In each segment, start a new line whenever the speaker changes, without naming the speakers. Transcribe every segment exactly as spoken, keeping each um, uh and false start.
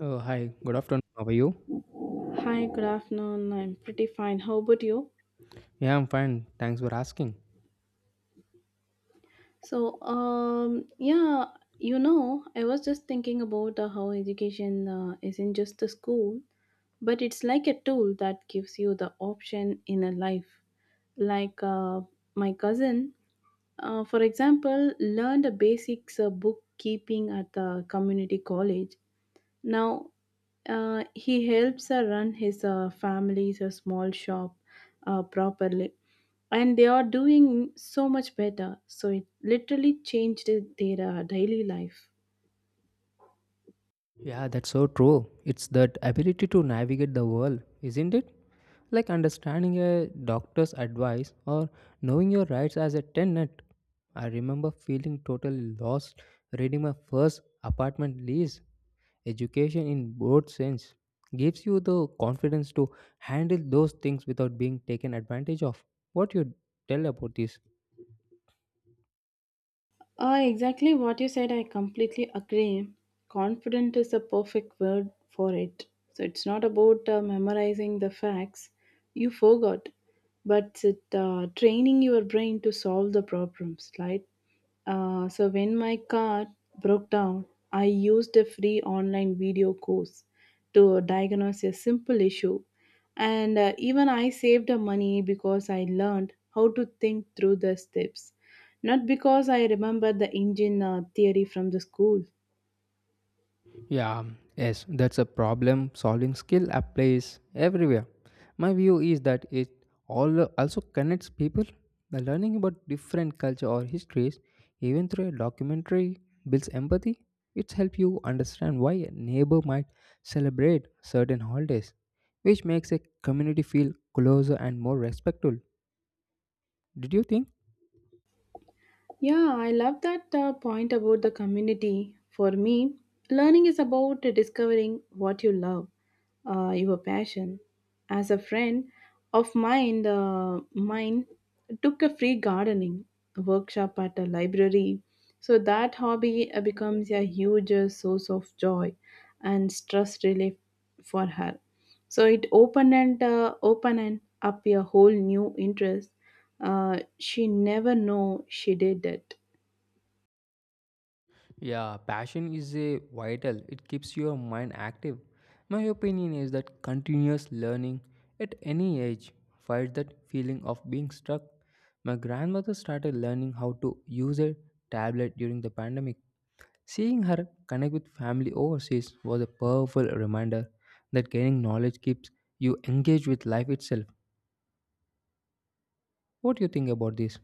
Oh, hi. Good afternoon. How are you?
Hi, good afternoon. I'm pretty fine. How about you?
Yeah, I'm fine. Thanks for asking.
So, um, yeah, you know, I was just thinking about uh, how education uh, isn't just a school, but it's like a tool that gives you the option in a life. Like uh, my cousin, uh, for example, learned the basics of bookkeeping at the community college. Now, uh, he helps her run his uh, family's a small shop uh, properly, and they are doing so much better. So it literally changed their uh, daily life.
Yeah, that's so true. It's that ability to navigate the world, isn't it? Like understanding a doctor's advice or knowing your rights as a tenant. I remember feeling totally lost reading my first apartment lease. Education, in broad sense, gives you the confidence to handle those things without being taken advantage of. What you tell about this?
Uh, exactly what you said, I completely agree. Confident is a perfect word for it. So it's not about uh, memorizing the facts you forgot, but it, uh, training your brain to solve the problems, right? Uh, so when my car broke down, I used a free online video course to diagnose a simple issue. And uh, even I saved the money because I learned how to think through the steps. Not because I remember the engine uh, theory from the school.
Yeah, yes, that's a problem solving skill applies everywhere. My view is that it all also connects people. The learning about different culture or histories, even through a documentary, builds empathy. It helps you understand why a neighbor might celebrate certain holidays, which makes a community feel closer and more respectful. Did you think?
Yeah, I love that uh, point about the community. For me, learning is about discovering what you love, uh, your passion. As a friend of mine, uh, mine took a free gardening workshop at a library. So that hobby uh, becomes a huge uh, source of joy and stress relief for her. So it opened and uh, opened and up a whole new interest. Uh, she never know she did it.
Yeah, passion is a vital. It keeps your mind active. My opinion is that continuous learning at any age fights that feeling of being stuck. My grandmother started learning how to use a tablet during the pandemic. Seeing her connect with family overseas was a powerful reminder that gaining knowledge keeps you engaged with life itself. What do you think about this?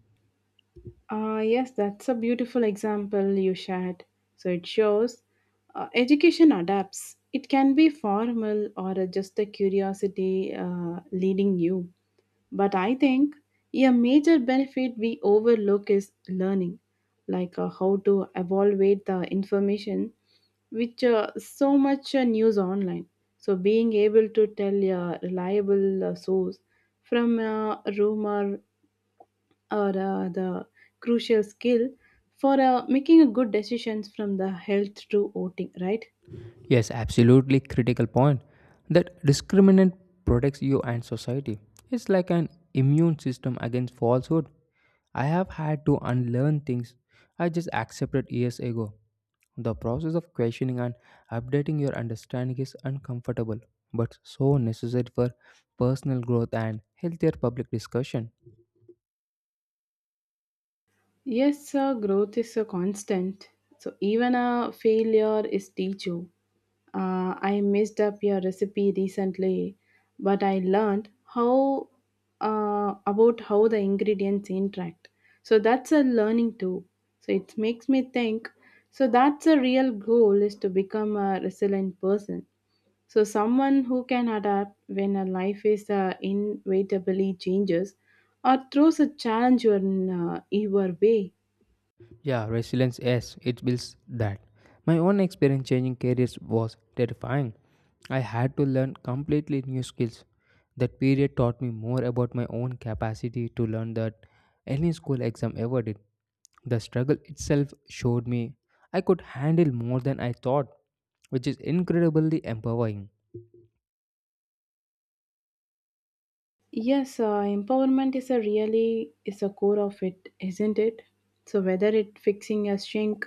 Uh, yes, that's a beautiful example you shared. So it shows uh, education adapts. It can be formal or uh, just a curiosity uh, leading you. But I think a major benefit we overlook is learning, like uh, how to evaluate the information which uh, so much uh, news online. So being able to tell a reliable uh, source from a rumor or uh, the crucial skill for uh, making a good decisions from the health to voting right.
Yes, absolutely critical point. That discriminant protects you and society. It's like an immune system against falsehood. I have had to unlearn things I just accepted years ago. The process of questioning and updating your understanding is uncomfortable, but so necessary for personal growth and healthier public discussion.
Yes, uh, growth is a constant, so even a failure is teach you. Uh, i messed up your recipe recently, but I learned how uh, about how the ingredients interact, so that's a learning too. So it makes me think, so that's a real goal is to become a resilient person. So, someone who can adapt when a life is uh, inevitably changes or throws a challenge your, uh, your way.
Yeah, resilience, yes, it builds that. My own experience changing careers was terrifying. I had to learn completely new skills. That period taught me more about my own capacity to learn that any school exam ever did. The struggle itself showed me I could handle more than I thought, which is incredibly empowering.
Yes, uh, empowerment is a really is a core of it, isn't it? So whether it fixing a shrink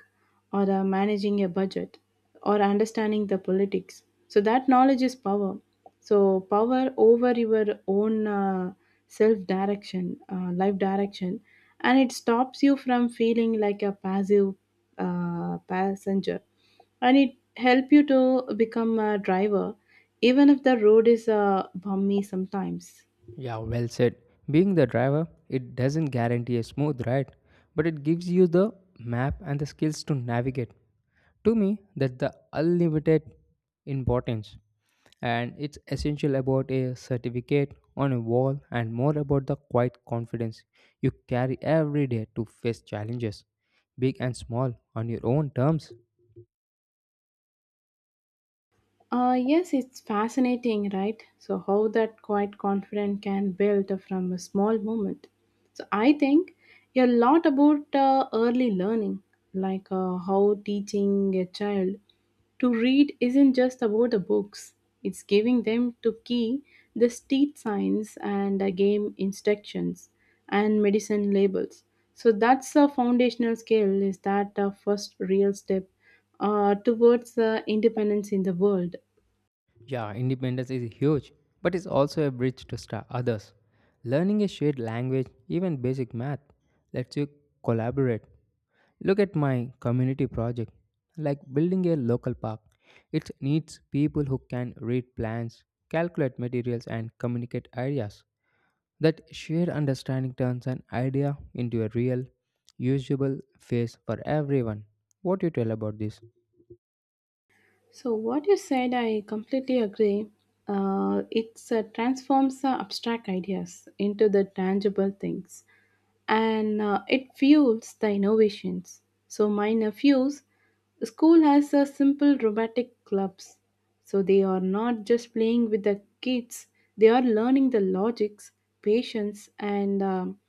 or uh, managing a budget or understanding the politics, so that knowledge is power. So power over your own uh, self direction, uh, life direction, and it stops you from feeling like a passive uh, passenger, and it help you to become a driver, even if the road is uh, bumpy sometimes.
Yeah, well said. Being the driver, it doesn't guarantee a smooth ride, but it gives you the map and the skills to navigate. To me, that's the unlimited importance, and it's essential about a certificate on a wall and more about the quiet confidence you carry every day to face challenges, big and small, on your own terms.
Uh, yes, it's fascinating, right? So, how that quiet confidence can build from a small moment. So, I think a lot about uh, early learning, like uh, how teaching a child to read isn't just about the books, it's giving them to key the street signs and uh, game instructions and medicine labels. So, that's a foundational skill, is that the first real step uh, towards the independence in the world.
Yeah, independence is huge, but it's also a bridge to start others. Learning a shared language, even basic math, lets you collaborate. Look at my community project, like building a local park. It needs people who can read plans, calculate materials, and communicate ideas. That shared understanding turns an idea into a real, usable face for everyone. What do you tell about this?
So, what you said, I completely agree. Uh, it uh, transforms the abstract ideas into the tangible things, and uh, it fuels the innovations. So, my nephews, school has a simple robotic clubs. So, they are not just playing with the kids, they are learning the logics, patience, and um,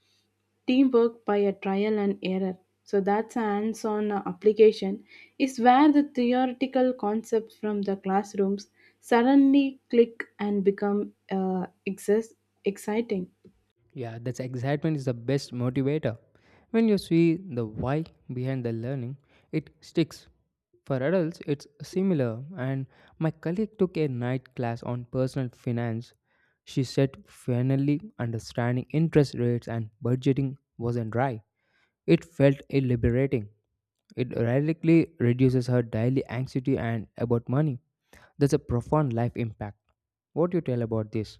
teamwork by a trial and error. So that's a hands-on uh, application is where the theoretical concepts from the classrooms suddenly click and become uh, exis- exciting.
Yeah, that's excitement is the best motivator. When you see the why behind the learning, it sticks. For adults, it's similar. And my colleague took a night class on personal finance. She said finally understanding interest rates and budgeting wasn't dry. It felt liberating. It radically reduces her daily anxiety and about money. There's a profound life impact. What do you tell about this?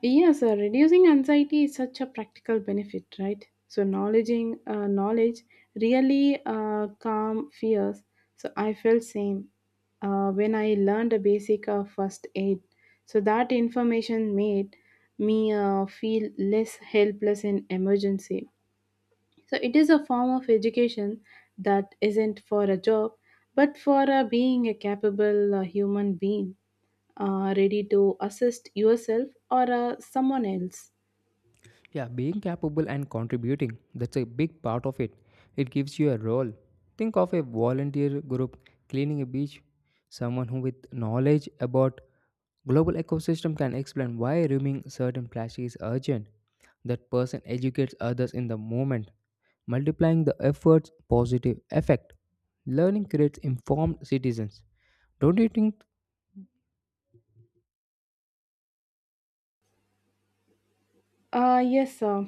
Yes, uh, reducing anxiety is such a practical benefit, right? So, knowledging uh, knowledge really uh, calm fears. So, I felt same uh, when I learned a basic of first aid. So that information made me uh, feel less helpless in emergency. So it is a form of education that isn't for a job, but for uh, being a capable uh, human being uh, ready to assist yourself or uh, someone else?
Yeah, being capable and contributing, that's a big part of it. It gives you a role. Think of a volunteer group cleaning a beach. Someone who, with knowledge about global ecosystem, can explain why removing certain plastic is urgent. That person educates others in the moment, multiplying the effort's positive effect. Learning creates informed citizens. Don't you think?
Uh, yes, uh,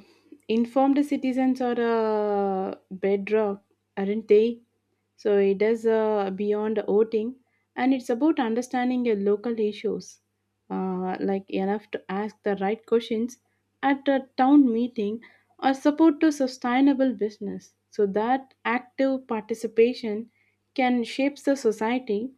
informed citizens are a bedrock, aren't they? So it is uh, beyond voting, and it's about understanding your local issues, uh, like enough to ask the right questions at a town meeting or support to sustainable business. So that active participation can shape the society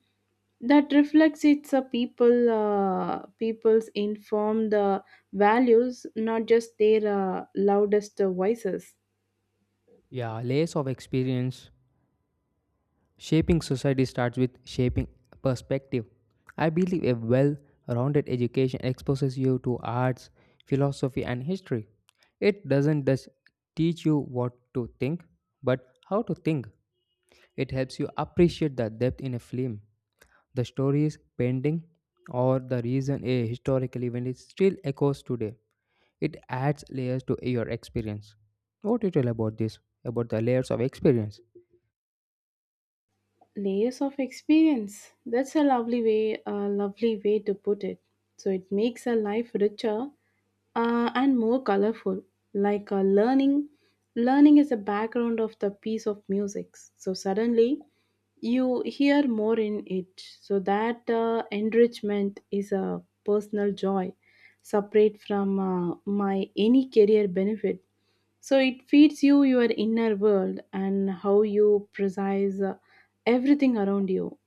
that reflects its uh, people uh, people's informed uh, values, not just their uh, loudest uh, voices.
Yeah, layers of experience. Shaping society starts with shaping perspective. I believe a well rounded education exposes you to arts, philosophy, and history. It doesn't just teach you what to think, but how to think. It helps you appreciate the depth in a film, the stories, painting, or the reason a historical event is still echoes today. It adds layers to your experience. What do you tell about this? About the layers of experience?
Layers of experience, that's a lovely way a lovely way to put it. So it makes a life richer uh, and more colorful, like a learning learning is a background of the piece of music, so suddenly you hear more in it. So that uh, enrichment is a personal joy separate from uh, my any career benefit. So it feeds you your inner world and how you precise uh, everything around you.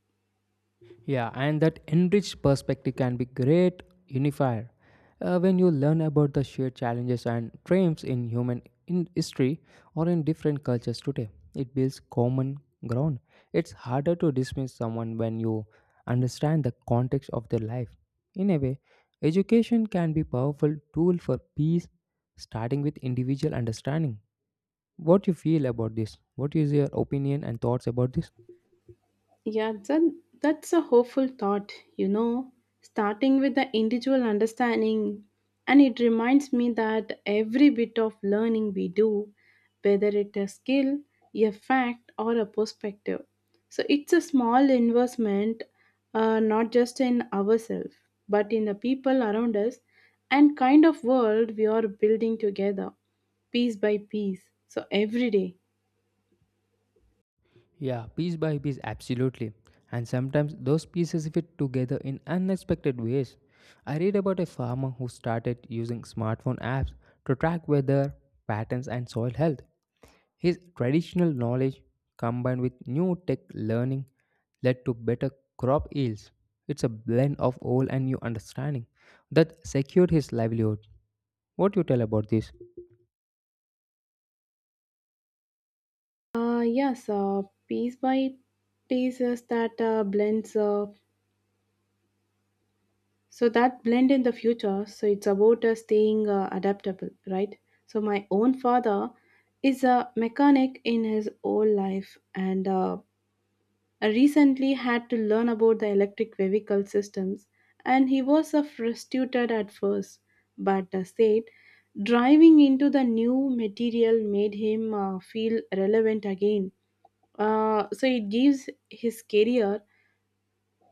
Yeah, and that enriched perspective can be great unifier. Uh, when you learn about the shared challenges and triumphs in human in history or in different cultures today, it builds common ground. It's harder to dismiss someone when you understand the context of their life. In a way, education can be powerful tool for peace, starting with individual understanding. What you feel about this? What is your opinion and thoughts about this?
Yeah, that, that's a hopeful thought, you know, starting with the individual understanding. And it reminds me that every bit of learning we do, whether it a skill, a fact, or a perspective, so it's a small investment, uh, not just in ourselves, but in the people around us and kind of world we are building together, piece by piece. So every day.
Yeah, piece by piece, absolutely. And sometimes those pieces fit together in unexpected ways. I read about a farmer who started using smartphone apps to track weather patterns and soil health. His traditional knowledge combined with new tech learning led to better crop yields. It's a blend of old and new understanding that secured his livelihood. What do you tell about this?
Uh, yes, uh, piece by pieces that uh, blends. Uh, so that blend in the future. So it's about uh, staying uh, adaptable, right? So my own father is a mechanic in his whole life, and uh, I recently had to learn about the electric vehicle systems, and he was uh, frustrated at first, but uh, said driving into the new material made him uh, feel relevant again. Uh, so it gives his career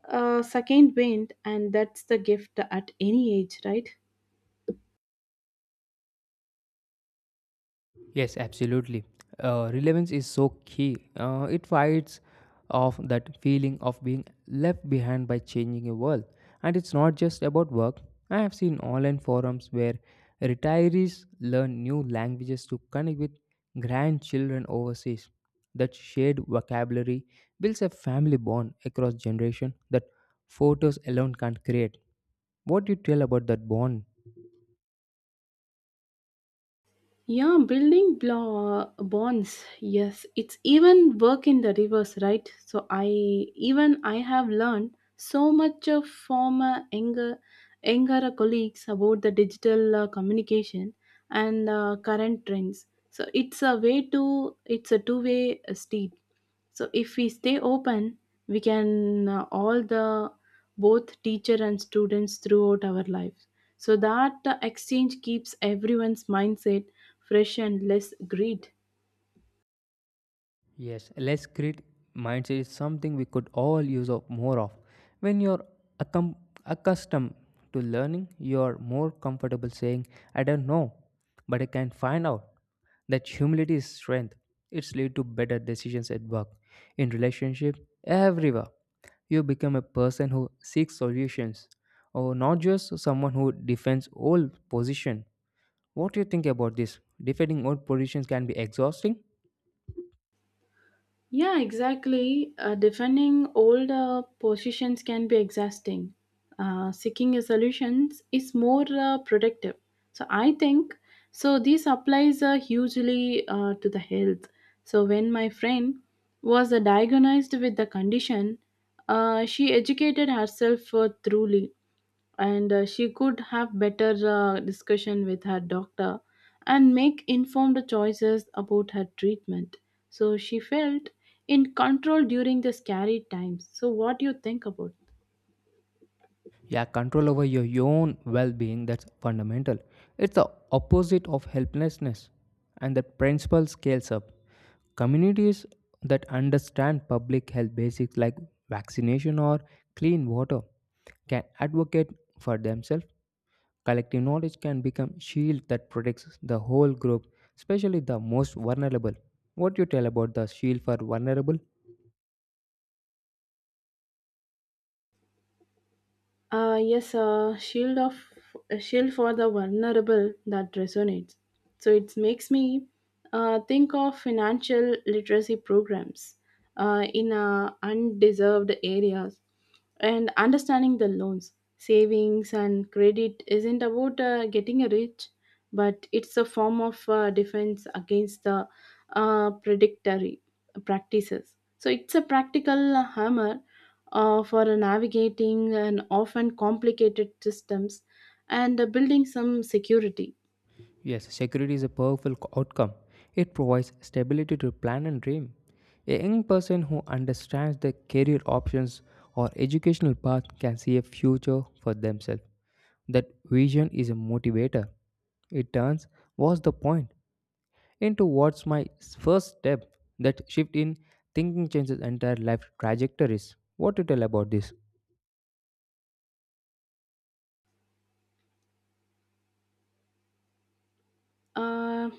a second wind, and that's the gift at any age, right?
Yes, absolutely. Uh, relevance is so key. Uh, it fights off that feeling of being left behind by changing a world. And it's not just about work. I have seen online forums where retirees learn new languages to connect with grandchildren overseas. That shared vocabulary builds a family bond across generation that photos alone can't create. What do you tell about that bond?
Yeah, building blo- bonds. Yes, it's even work in the reverse, right? So I even I have learned so much of former younger younger colleagues about the digital uh, communication and uh, current trends. So it's a way to it's a two way street. So if we stay open, we can uh, all the both teacher and students throughout our lives. So that uh, exchange keeps everyone's mindset fresh and less greed.
Yes, less grit mindset is something we could all use of more of. When you're accom- accustomed to learning, you're more comfortable saying, I don't know, but I can find out. That humility is strength. It's lead to better decisions at work, in relationship, everywhere. You become a person who seeks solutions, or not just someone who defends old position. What do you think about this? Defending old positions can be exhausting.
Yeah, exactly. Uh, defending old uh, positions can be exhausting. Uh, seeking a solutions is more uh, productive. So I think so. This applies uh, hugely uh, to the health. So when my friend was uh, diagnosed with the condition, uh, she educated herself uh, thoroughly, and uh, she could have better uh, discussion with her doctor and make informed choices about her treatment. So she felt in control during the scary times. So what do you think about?
Yeah, control over your own well being that's fundamental. It's the opposite of helplessness, and that principle scales up. Communities that understand public health basics like vaccination or clean water can advocate for themselves. Collective knowledge can become shield that protects the whole group, especially the most vulnerable. What you tell about the shield for vulnerable?
Uh, yes, a shield of a shield for the vulnerable, that resonates. So it makes me uh, think of financial literacy programs uh, in uh, undeserved areas, and understanding the loans, savings, and credit isn't about uh, getting rich, but it's a form of uh, defense against the uh, predatory practices. So it's a practical hammer uh, for navigating an often complicated systems and uh, building some security.
Yes, security is a powerful co- outcome. It provides stability to plan and dream. A young person who understands their career options or educational path can see a future for themselves. That vision is a motivator. It turns what's the point into what's my first step. That shift in thinking changes entire life trajectories. What to tell about this?
Uh,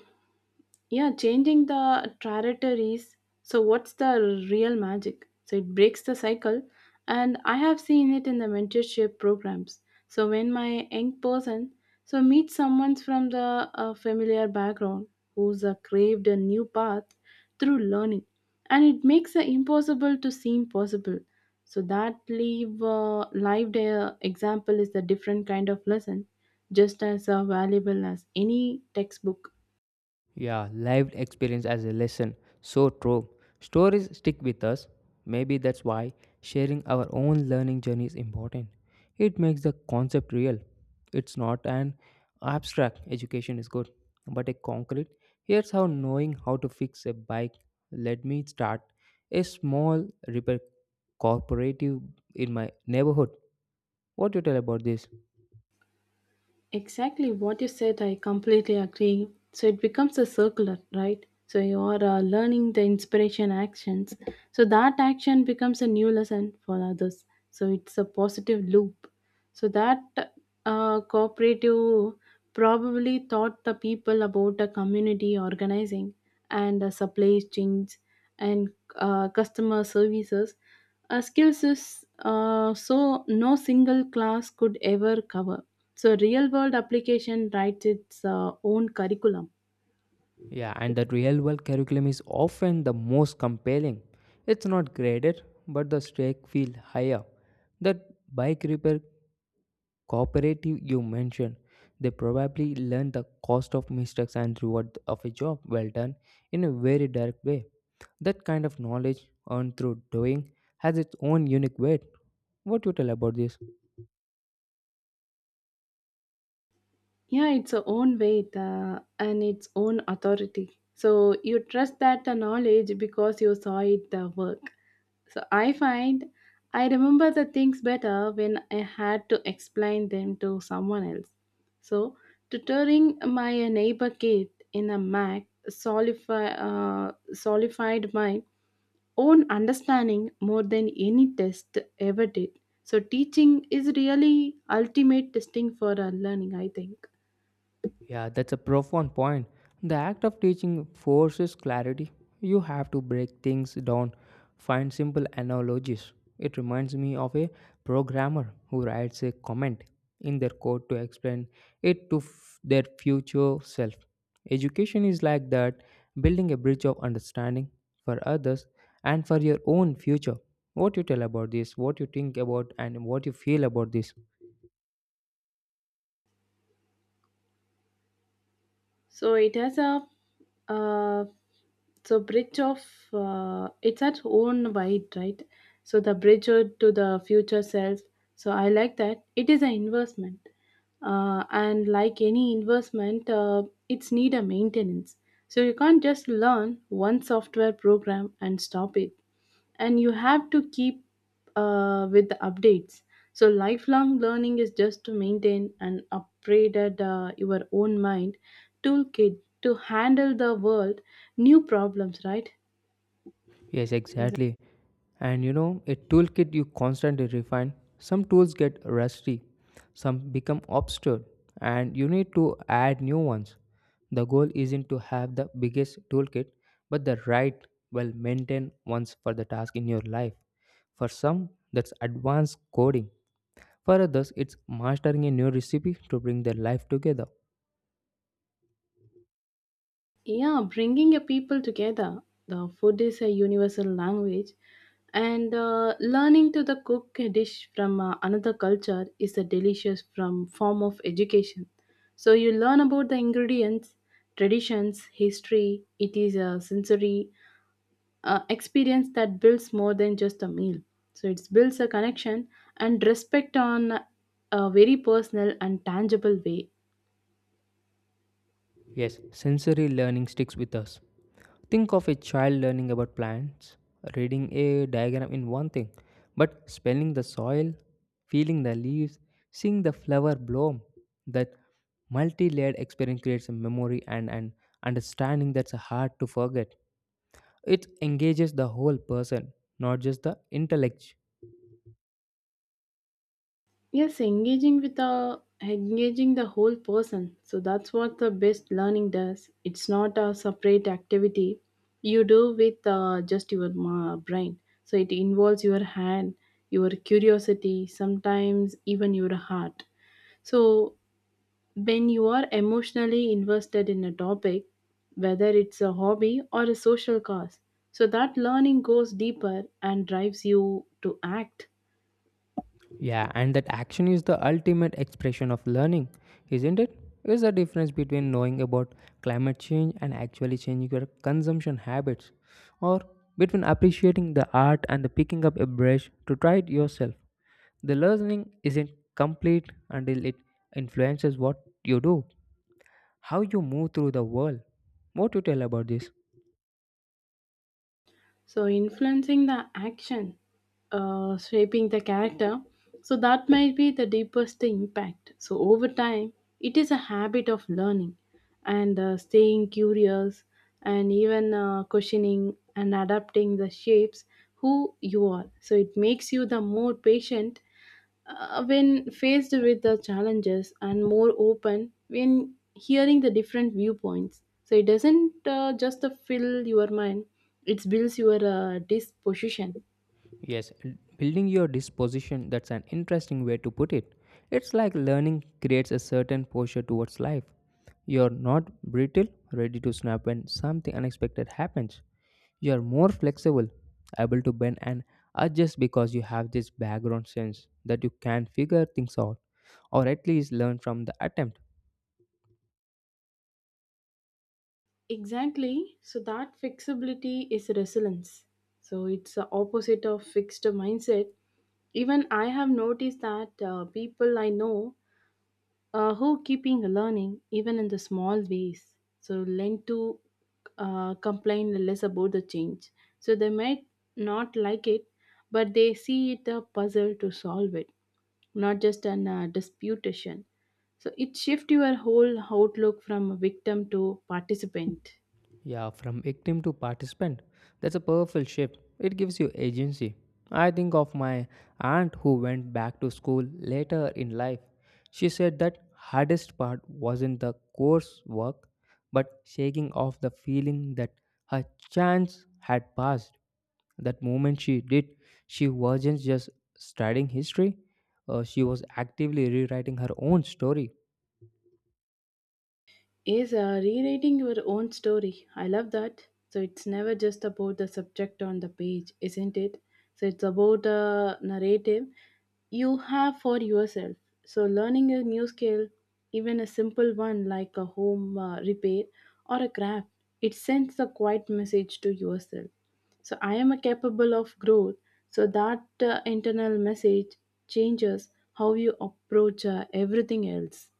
Yeah, changing the trajectories. So, what's the real magic? So, it breaks the cycle, and I have seen it in the mentorship programs. So, when my young person so meets someone from the uh, familiar background who's uh, craved a new path through learning, and it makes the impossible to seem possible. So, that live uh, live uh, example is a different kind of lesson, just as uh, valuable as any textbook.
Yeah, lived experience as a lesson. So true. Stories stick with us. Maybe that's why sharing our own learning journey is important. It makes the concept real. It's not an abstract education is good, but a concrete. Here's how knowing how to fix a bike let me start a small repair cooperative in my neighborhood. What do you tell about this?
Exactly what you said, I completely agree. So it becomes a circular, right? So you are uh, learning the inspiration actions. So that action becomes a new lesson for others. So it's a positive loop. So that uh, cooperative probably taught the people about the community organizing and uh, supply chains and uh, customer services. Uh, skills is uh, so no single class could ever cover, so real world application writes its uh, own curriculum.
Yeah, and the real world curriculum is often the most compelling. It's not graded, but the stakes feel higher. That bike repair cooperative you mentioned, they probably learn the cost of mistakes and reward of a job well done in a very direct way. That kind of knowledge earned through doing has its own unique weight. What you tell about this?
Yeah, its a own weight uh, and its own authority. So you trust that the knowledge because you saw it uh, work. So I find I remember the things better when I had to explain them to someone else. So tutoring my neighbor kid in a Mac solidify, uh, solidified mine own understanding more than any test ever did. So teaching is really ultimate testing for our learning, I think.
Yeah, that's a profound point. The act of teaching forces clarity. You have to break things down, find simple analogies. It reminds me of a programmer who writes a comment in their code to explain it to f- their future self. Education is like that, building a bridge of understanding for others and for your own future. What you tell about this, what you think about, and what you feel about this.
So it has a uh, so bridge of uh, it's at own wide right. So the bridge o- to the future self. So I like that. It is an investment, uh, and like any investment, uh, it's need a maintenance. So you can't just learn one software program and stop it, and you have to keep uh, with the updates. So lifelong learning is just to maintain and upgraded uh, your own mind toolkit to handle the world new problems, right?
Yes,
Yes.
exactly. And you know, a toolkit you constantly refine. Some tools get rusty, some become obscured, and you need to add new ones. The goal isn't to have the biggest toolkit, but the right, well maintained ones for the task in your life. For some, that's advanced coding. For others, it's mastering a new recipe to bring their life together.
Yeah, bringing a people together. The food is a universal language, and uh, learning to the cook a dish from uh, another culture is a delicious from form of education. So you learn about the ingredients, traditions, history. It is a sensory uh, experience that builds more than just a meal. So it builds a connection and respect on a very personal and tangible way.
Yes, sensory learning sticks with us. Think of a child learning about plants, reading a diagram in one thing, but smelling the soil, feeling the leaves, seeing the flower bloom. That multi layered experience creates a memory and an understanding that's hard to forget. It engages the whole person, not just the intellect.
Yes, engaging with a engaging the whole person. So that's what the best learning does. It's not a separate activity you do with uh, just your ma- brain. So it involves your hand, your curiosity, sometimes even your heart. So when you are emotionally invested in a topic, whether it's a hobby or a social cause, so that learning goes deeper and drives you to act.
Yeah, and that action is the ultimate expression of learning, isn't it? It's the difference between knowing about climate change and actually changing your consumption habits, or between appreciating the art and the picking up a brush to try it yourself. The learning isn't complete until it influences what you do, how you move through the world. What do you tell about this?
So, influencing the action, uh, shaping the character, so that might be the deepest impact. So, over time, it is a habit of learning and uh, staying curious and even uh, questioning and adapting the shapes who you are. So, it makes you the more patient Uh, when faced with the challenges and more open when hearing the different viewpoints, so it doesn't uh, just uh, fill your mind, it builds your uh, disposition.
Yes, building your disposition, that's an interesting way to put it. It's like learning creates a certain posture towards life. You're not brittle, ready to snap when something unexpected happens. You're more flexible, able to bend and adjust because you have this background sense that you can figure things out, or at least learn from the attempt.
Exactly, so that flexibility is resilience, so it's the opposite of fixed mindset. Even I have noticed that uh, people I know, uh, who keeping learning even in the small ways, so learn to uh, complain less about the change. So they might not like it, but they see it a puzzle to solve it, not just an uh, disputation. So it shift your whole outlook from a victim to participant
Yeah, from victim to participant. That's a powerful shift. It gives you agency. I think of my aunt who went back to school later in life. She said that hardest part wasn't the coursework, but shaking off the feeling that her chance had passed. That moment she did, she wasn't just studying history, uh, she was actively rewriting her own story.
is uh, rewriting your own story. I love that. So it's never just about the subject on the page, isn't it? So it's about the narrative you have for yourself. So learning a new skill, even a simple one like a home uh, repair or a craft, it sends a quiet message to yourself. So I am a capable of growth. So that uh, internal message changes how you approach uh, everything else.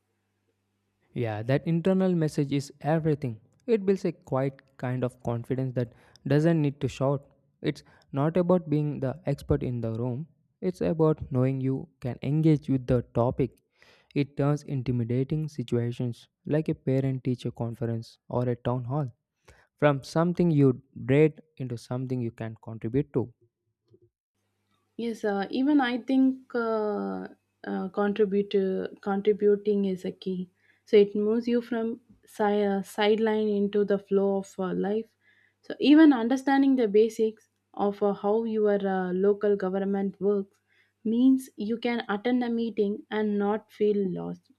Yeah, that internal message is everything. It builds a quiet kind of confidence that doesn't need to shout. It's not about being the expert in the room, it's about knowing you can engage with the topic. It turns intimidating situations like a parent teacher conference or a town hall from something you dread into something you can contribute to.
Yes, uh, even I think uh, uh, contributor contributing is a key. So it moves you from si- uh, sideline into the flow of uh, life. So even understanding the basics of uh, how your uh, local government works means you can attend a meeting and not feel lost,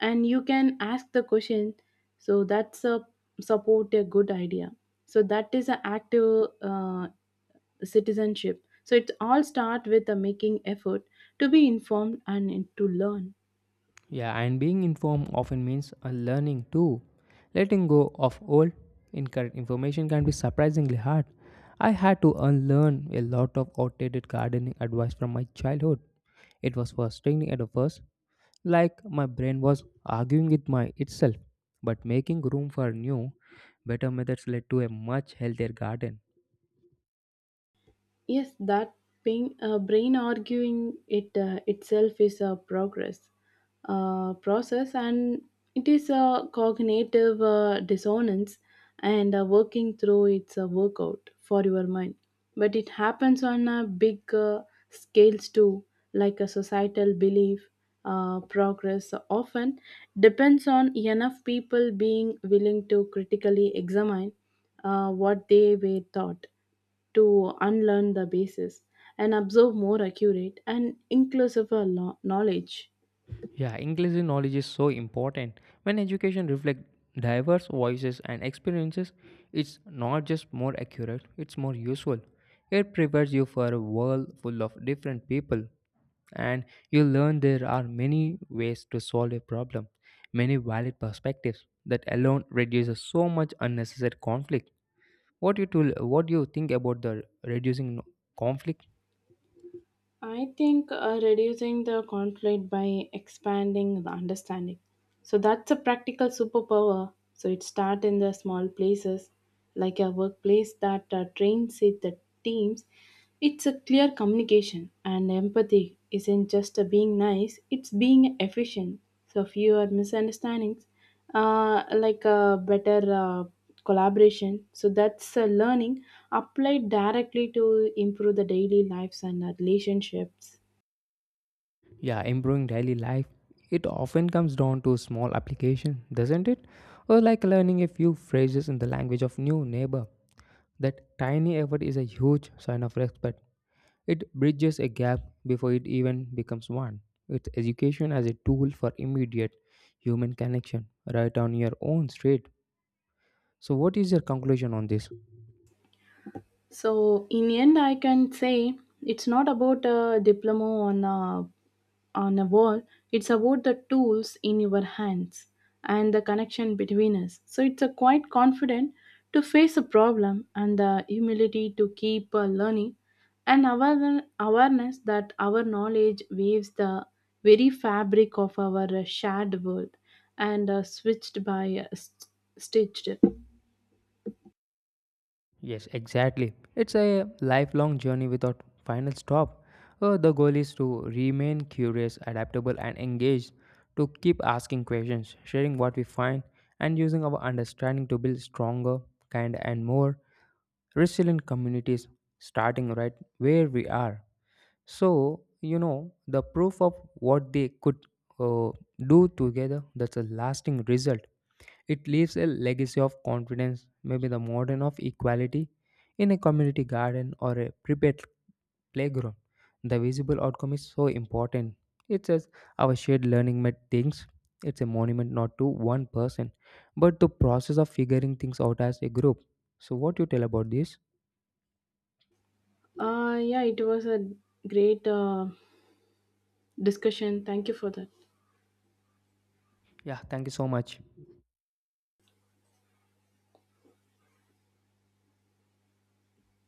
and you can ask the question. So that's a support a good idea. So that is an active uh, citizenship. So it all starts with the making effort to be informed and to learn.
Yeah, and being informed often means a learning too. Letting go of old, incorrect information can be surprisingly hard. I had to unlearn a lot of outdated gardening advice from my childhood. It was frustrating at first, like my brain was arguing with my itself. But making room for new, better methods led to a much healthier garden.
Yes, that pain, uh, brain arguing it uh, itself is a progress uh, process, and it is a cognitive uh, dissonance and uh, working through its uh, workout for your mind. But it happens on a big uh, scales too, like a societal belief. Uh, progress often depends on enough people being willing to critically examine uh, what they were taught to unlearn the basis and absorb more accurate and inclusive uh, lo- knowledge.
Yeah, inclusive knowledge is so important. When education reflects diverse voices and experiences, it's not just more accurate, it's more useful. It prepares you for a world full of different people, and you learn there are many ways to solve a problem, many valid perspectives. That alone reduces so much unnecessary conflict. What you tool, what do you think about the reducing no, conflict?
I think uh, reducing the conflict by expanding the understanding. So that's a practical superpower. So it starts in the small places like a workplace that uh, trains it the teams. It's a clear communication and empathy isn't just a being nice, it's being efficient. So fewer misunderstandings, uh, like a better uh, collaboration. So that's uh, learning applied directly to improve the daily lives and uh, relationships.
Yeah, improving daily life, it often comes down to small application, doesn't it? Or like learning a few phrases in the language of new neighbor. That tiny effort is a huge sign of respect. It bridges a gap before it even becomes one. It's education as a tool for immediate human connection right on your own street. So what is your conclusion on this?
So in the end, I can say it's not about a diploma on a on a wall. It's about the tools in your hands and the connection between us. So it's a quite confident to face a problem and the humility to keep uh, learning and aware- awareness that our knowledge weaves the very fabric of our uh, shared world and uh, switched by uh, st- stitched.
Yes, exactly. It's a lifelong journey without final stop. Uh, the goal is to remain curious, adaptable, and engaged, to keep asking questions, sharing what we find, and using our understanding to build stronger, kinder, and more resilient communities, starting right where we are. So, you know, the proof of what they could uh, do together, that's a lasting result. It leaves a legacy of confidence, maybe the modern of equality in a community garden or a prepared playground. The visible outcome is so important. It says our shared learning met things. It's a monument not to one person, but the process of figuring things out as a group. So what you tell about this?
Uh, yeah, it was a great. Uh, discussion. Thank you for that.
Yeah, thank you so much.